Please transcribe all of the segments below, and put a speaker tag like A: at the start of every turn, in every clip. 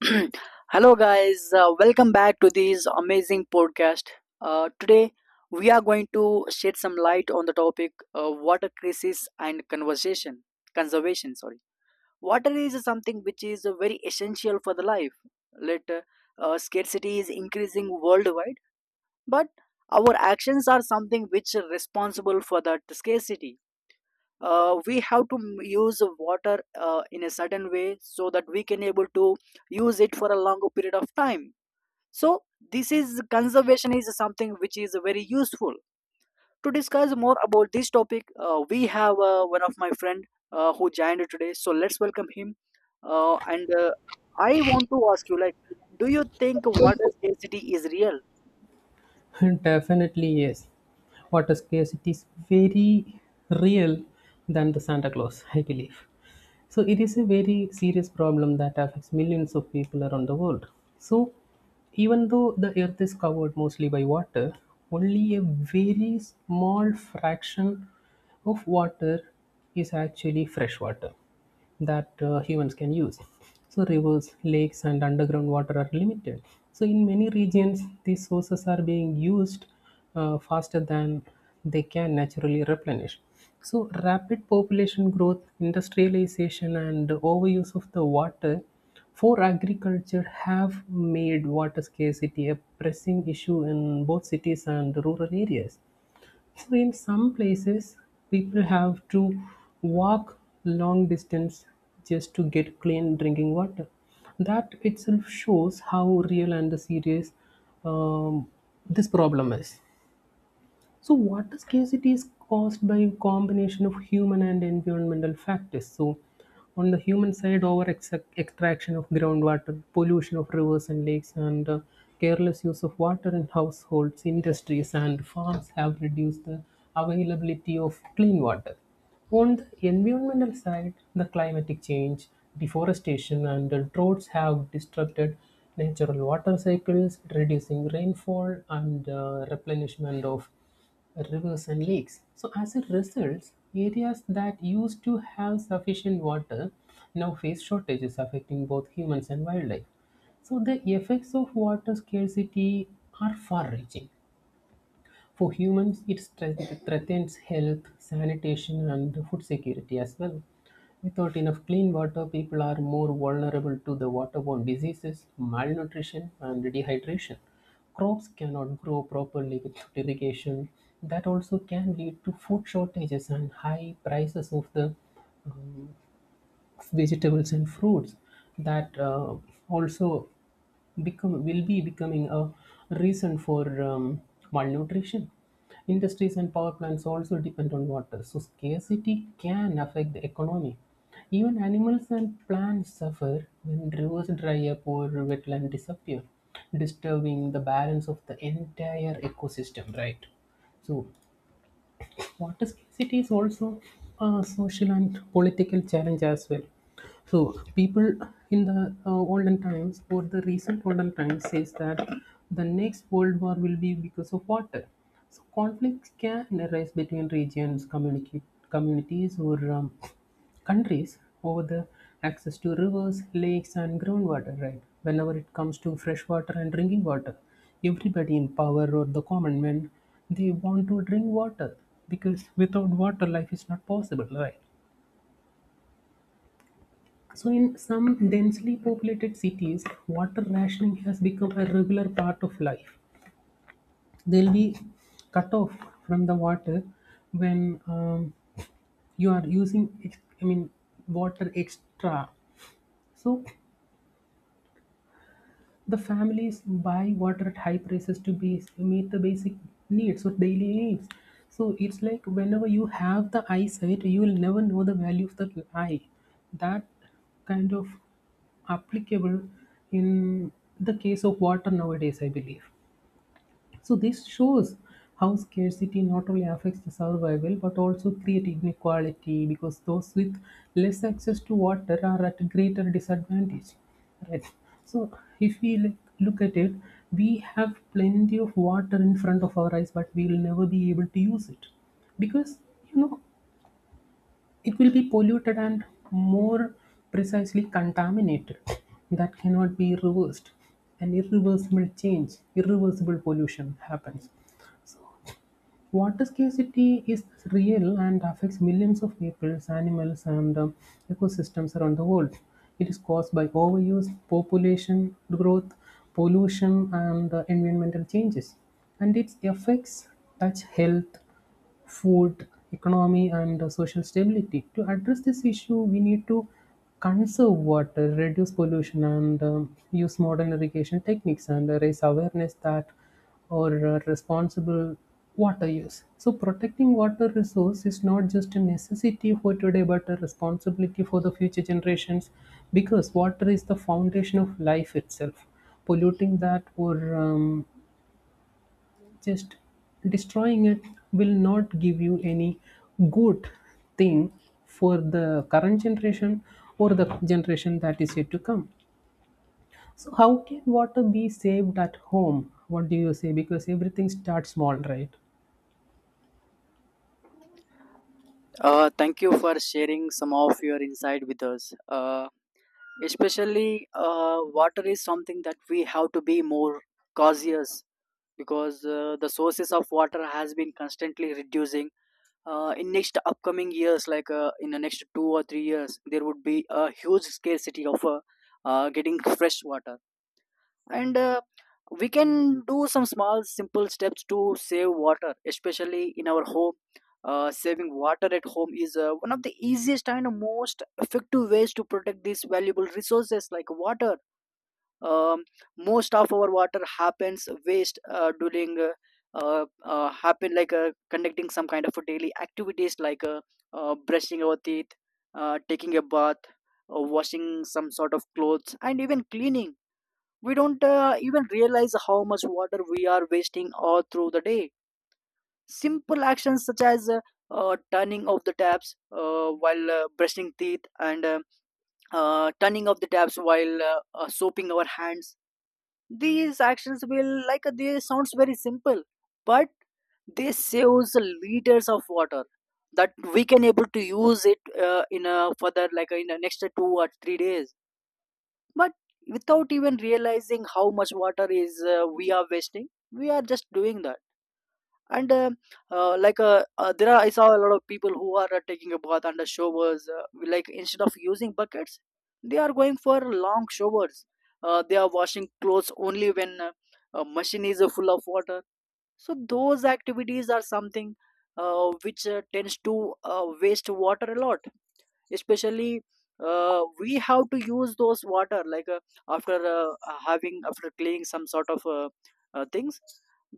A: Hello, guys. Welcome back to this amazing podcast. Today, we are going to shed some light on the topic water crisis and conversation conservation. Sorry, water is something which is very essential for the life. Let Scarcity is increasing worldwide, but our actions are something which are responsible for that scarcity. We have to use water in a certain way so that we can able to use it for a longer period of time. So this is conservation is something which is very useful. To discuss more about this topic we have one of my friend who joined today, so let's welcome him. And I want to ask you like, do you think water scarcity is real?
B: Definitely, yes. Water scarcity is very real than the Santa Claus, I believe. So it is a very serious problem that affects millions of people around the world. So even though the earth is covered mostly by water, only a very small fraction of water is actually fresh water that humans can use. So rivers, lakes, and underground water are limited. So in many regions, these sources are being used faster than they can naturally replenish. So, rapid population growth, industrialization, and overuse of the water for agriculture have made water scarcity a pressing issue in both cities and rural areas. So, in some places, people have to walk long distance just to get clean drinking water. That itself shows how real and serious um, this problem is. So, water scarcity is caused by a combination of human and environmental factors. So, on the human side, over extraction of groundwater, pollution of rivers and lakes, and careless use of water in households, industries, and farms have reduced the availability of clean water. On the environmental side, the climatic change, deforestation, and the droughts have disrupted natural water cycles, reducing rainfall and replenishment of rivers and lakes. So, as a result, areas that used to have sufficient water now face shortages affecting both humans and wildlife. So, the effects of water scarcity are far reaching. For humans, it threatens health, sanitation, and food security as well. Without enough clean water, people are more vulnerable to the waterborne diseases, malnutrition, and dehydration. Crops cannot grow properly without irrigation. That also can lead to food shortages and high prices of the vegetables and fruits that also become will be becoming a reason for malnutrition. Industries and power plants also depend on water, so scarcity can affect the economy. Even animals and plants suffer when rivers dry up or wetland disappear, disturbing the balance of the entire ecosystem, right? So water scarcity is also a social and political challenge as well. So people in the olden times or the recent olden times says that the next world war will be because of water. So conflicts can arise between regions, communicate communities, or countries over the access to rivers, lakes, and groundwater, right? Whenever it comes to fresh water and drinking water, everybody in power or the common men, they want to drink water because without water, life is not possible, right? So, in some densely populated cities, water rationing has become a regular part of life. They'll be cut off from the water when you are using, I mean, water extra. So, the families buy water at high prices to be, meet the basic needs or daily needs. So it's like whenever you have the eyesight, you will never know the value of the eye. That kind of applicable in the case of water nowadays, I believe. So this shows how scarcity not only affects the survival but also create inequality because those with less access to water are at greater disadvantage. Right. So if we like, look at it, we have plenty of water in front of our eyes, but we will never be able to use it because you know it will be polluted and more precisely contaminated. That cannot be reversed an irreversible change, irreversible pollution happens. Water scarcity is real and affects millions of people, animals, and ecosystems around the world. It is caused by overuse, population growth, pollution, and environmental changes. And its effects touch health, food, economy, and social stability. To address this issue, we need to conserve water, reduce pollution, and use modern irrigation techniques and raise awareness that or responsible water use. So, protecting water resource is not just a necessity for today, but a responsibility for the future generations, because water is the foundation of life itself polluting that or just destroying it will not give you any good thing for the current generation or the generation that is yet to come. So, how can water be saved at home? What do you say? Because everything starts small, right?
A: Thank you for sharing some of your insight with us. Especially water is something that we have to be more cautious, because the sources of water has been constantly reducing in next upcoming years. In the next 2 or 3 years there would be a huge scarcity of getting fresh water. And We can do some small simple steps to save water, especially in our home. Saving water at home is one of the easiest and most effective ways to protect these valuable resources like water. um, Most of our water happens waste during happen conducting some kind of daily activities, like brushing our teeth, taking a bath, washing some sort of clothes and even cleaning. We don't even realize how much water we are wasting all through the day. Simple actions such as turning off the taps while brushing teeth, and turning off the taps while soaping our hands. These actions will they sounds very simple, but they saves liters of water that we can able to use it in a further, like in the next 2 or 3 days. But without even realizing how much water is we are wasting, we are just doing that. And like There are, I saw a lot of people who are taking a bath under showers, like instead of using buckets they are going for long showers. They are washing clothes only when a machine is full of water. So those activities are something which tends to waste water a lot. Especially we have to use those water like after having after cleaning some sort of things.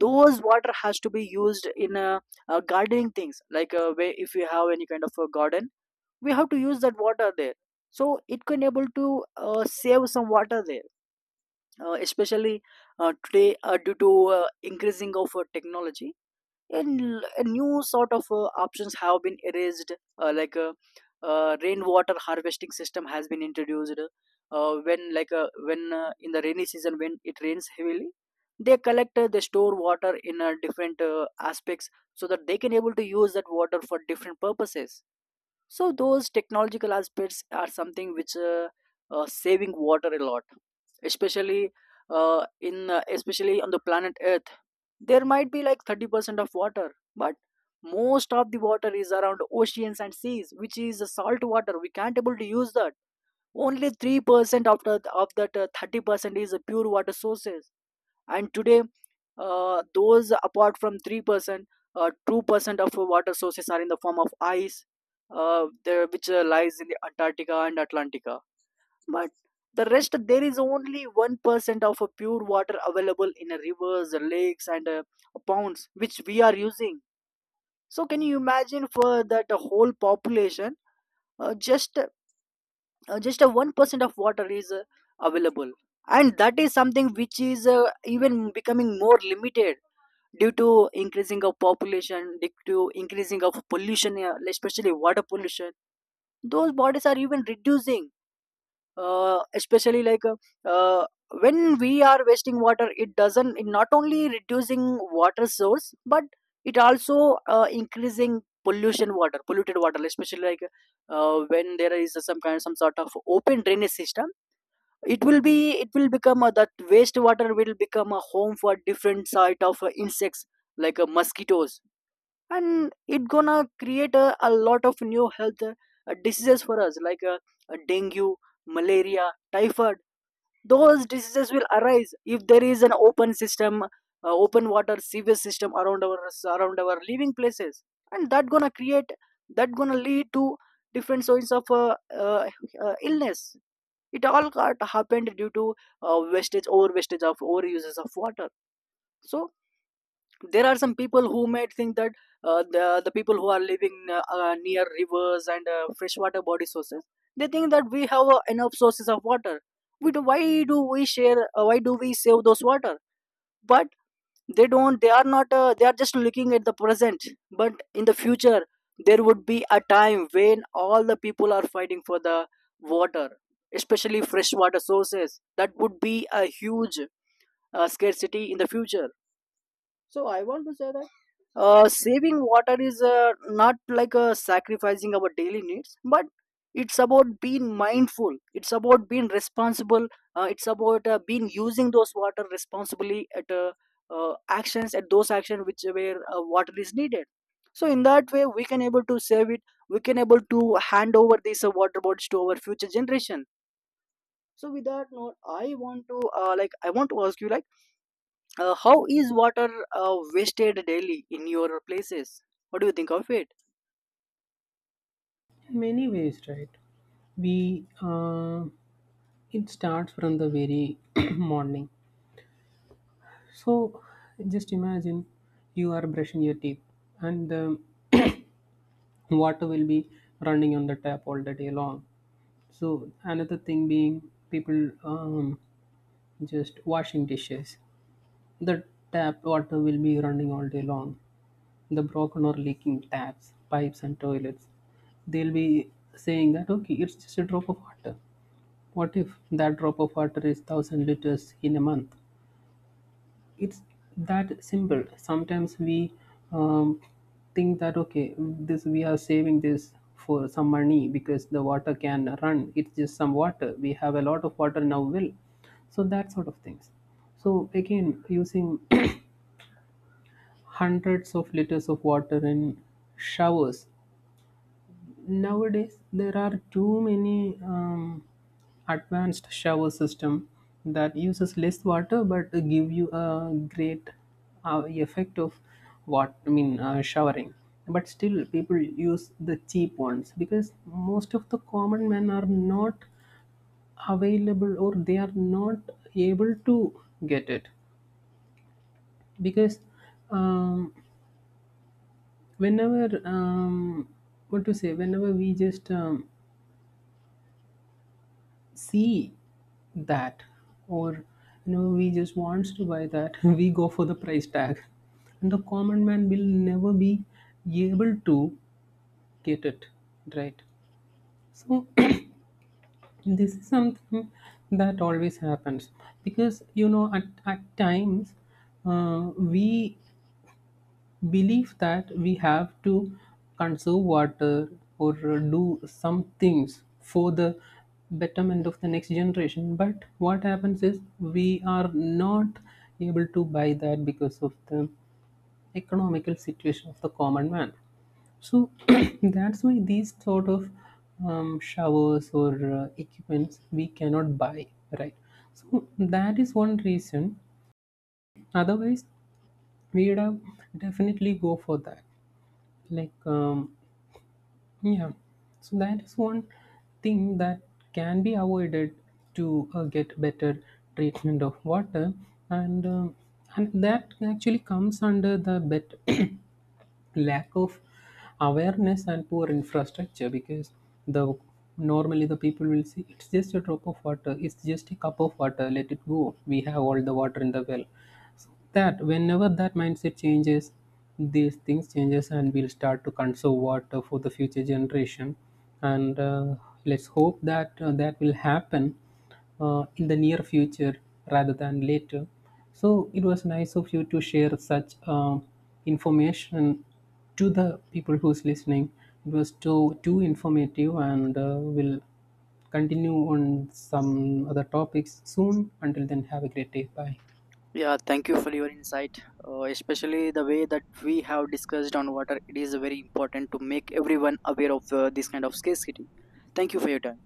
A: Those water has to be used in gardening things, where if you have any kind of a garden we have to use that water there, so it can able to save some water there. Especially today due to increasing of technology, and a new sort of options have been erased. uh, like uh, Rainwater harvesting system has been introduced when like when in the rainy season, when it rains heavily, they collect they store water in different aspects, so that they can able to use that water for different purposes. So those technological aspects are something which saving water a lot. Especially in especially on the planet earth there might be like 30% of water, but most of the water is around oceans and seas which is a salt water, we can't able to use that. Only 3% of, the, of that 30% is a pure water sources. And today those apart from 3%, 2% of our water sources are in the form of ice there, which lies in the antarctica and atlantica. But the rest, there is only 1% of pure water available in rivers, lakes and ponds, which we are using. So can you imagine, for that whole population uh, just just a 1% of water is available. And that is something which is even becoming more limited due to increasing of population, due to increasing of pollution, especially water pollution. Those bodies are even reducing. Especially like uh, when we are wasting water, it doesn't, it not only reducing water source, but it also increasing pollution, water, polluted water. Especially when there is some kind, some sort of open drainage system, it will be, it will become that wastewater will become a home for different sort of insects, mosquitoes. And it gonna create a lot of new health diseases for us, dengue, malaria, typhoid. Those diseases will arise if there is an open system, open water sewage system around our, around our living places. And that gonna create, that gonna lead to different sorts of uh, illness. It all got happened due to wastage, over wastage of overuses of water. So there are some people who might think that the people who are living near rivers and freshwater body sources, they think that we have enough sources of water, we do, why do we share, why do we save those water? But they don't, they are not they are just looking at the present. But in the future there would be a time when all the people are fighting for the water, especially freshwater sources. That would be a huge scarcity in the future. So I want to say that saving water is not like sacrificing our daily needs, but it's about being mindful, it's about being responsible. It's about being using those water responsibly at actions, at those actions which where water is needed. So in that way we can able to save it, we can able to hand over these water bodies to our future generation. So with that note I want to I want to ask you like, how is water wasted daily in your places? What do you think of it?
B: In many ways, right? We it starts from the very morning. So just imagine you are brushing your teeth and the water will be running on the tap all the day long. So another thing being people just washing dishes. The tap water will be running all day long. The broken or leaking taps, pipes, and toilets. They'll be saying that okay, it's just a drop of water. What if that drop of water is thousand liters in a month? It's that simple. Sometimes we um, think that okay, this we are saving this for some money because the water can run, it's just some water, we have a lot of water now will, so that sort of things. So again using hundreds of liters of water in showers. Nowadays there are too many advanced shower system that uses less water but give you a great effect of what I mean, showering. But still people use the cheap ones because most of the common men are not available or they are not able to get it because um, whenever what to say, whenever we just see that or you know we just wants to buy that we go for the price tag and the common man will never be able to get it, right? So this is something that always happens because you know at times we belief that we have to conserve water or do some things for the betterment of the next generation but what happens is we are not able to buy that because of the economical situation of the common man. So that's why these sort of showers or equipments we cannot buy, right? So that is one reason. Otherwise, we would have definitely go for that, like yeah. So that is one thing that can be avoided to get better treatment of water and um, and that actually comes under the bet lack of awareness and poor infrastructure because the normally the people will say it's just a drop of water, it's just a cup of water, let it go, we have all the water in the well. That whenever that mindset changes, these things changes and we'll start to conserve water for the future generation. And let's hope that that will happen in the near future rather than later. So it was nice of you to share such information to the people who's listening. It was too informative and we'll continue on some other topics soon. Until then, have a great day. Bye.
A: Yeah, thank you for your insight. Especially the way that we have discussed on water, it is very important to make everyone aware of this kind of scarcity. Thank you for your time.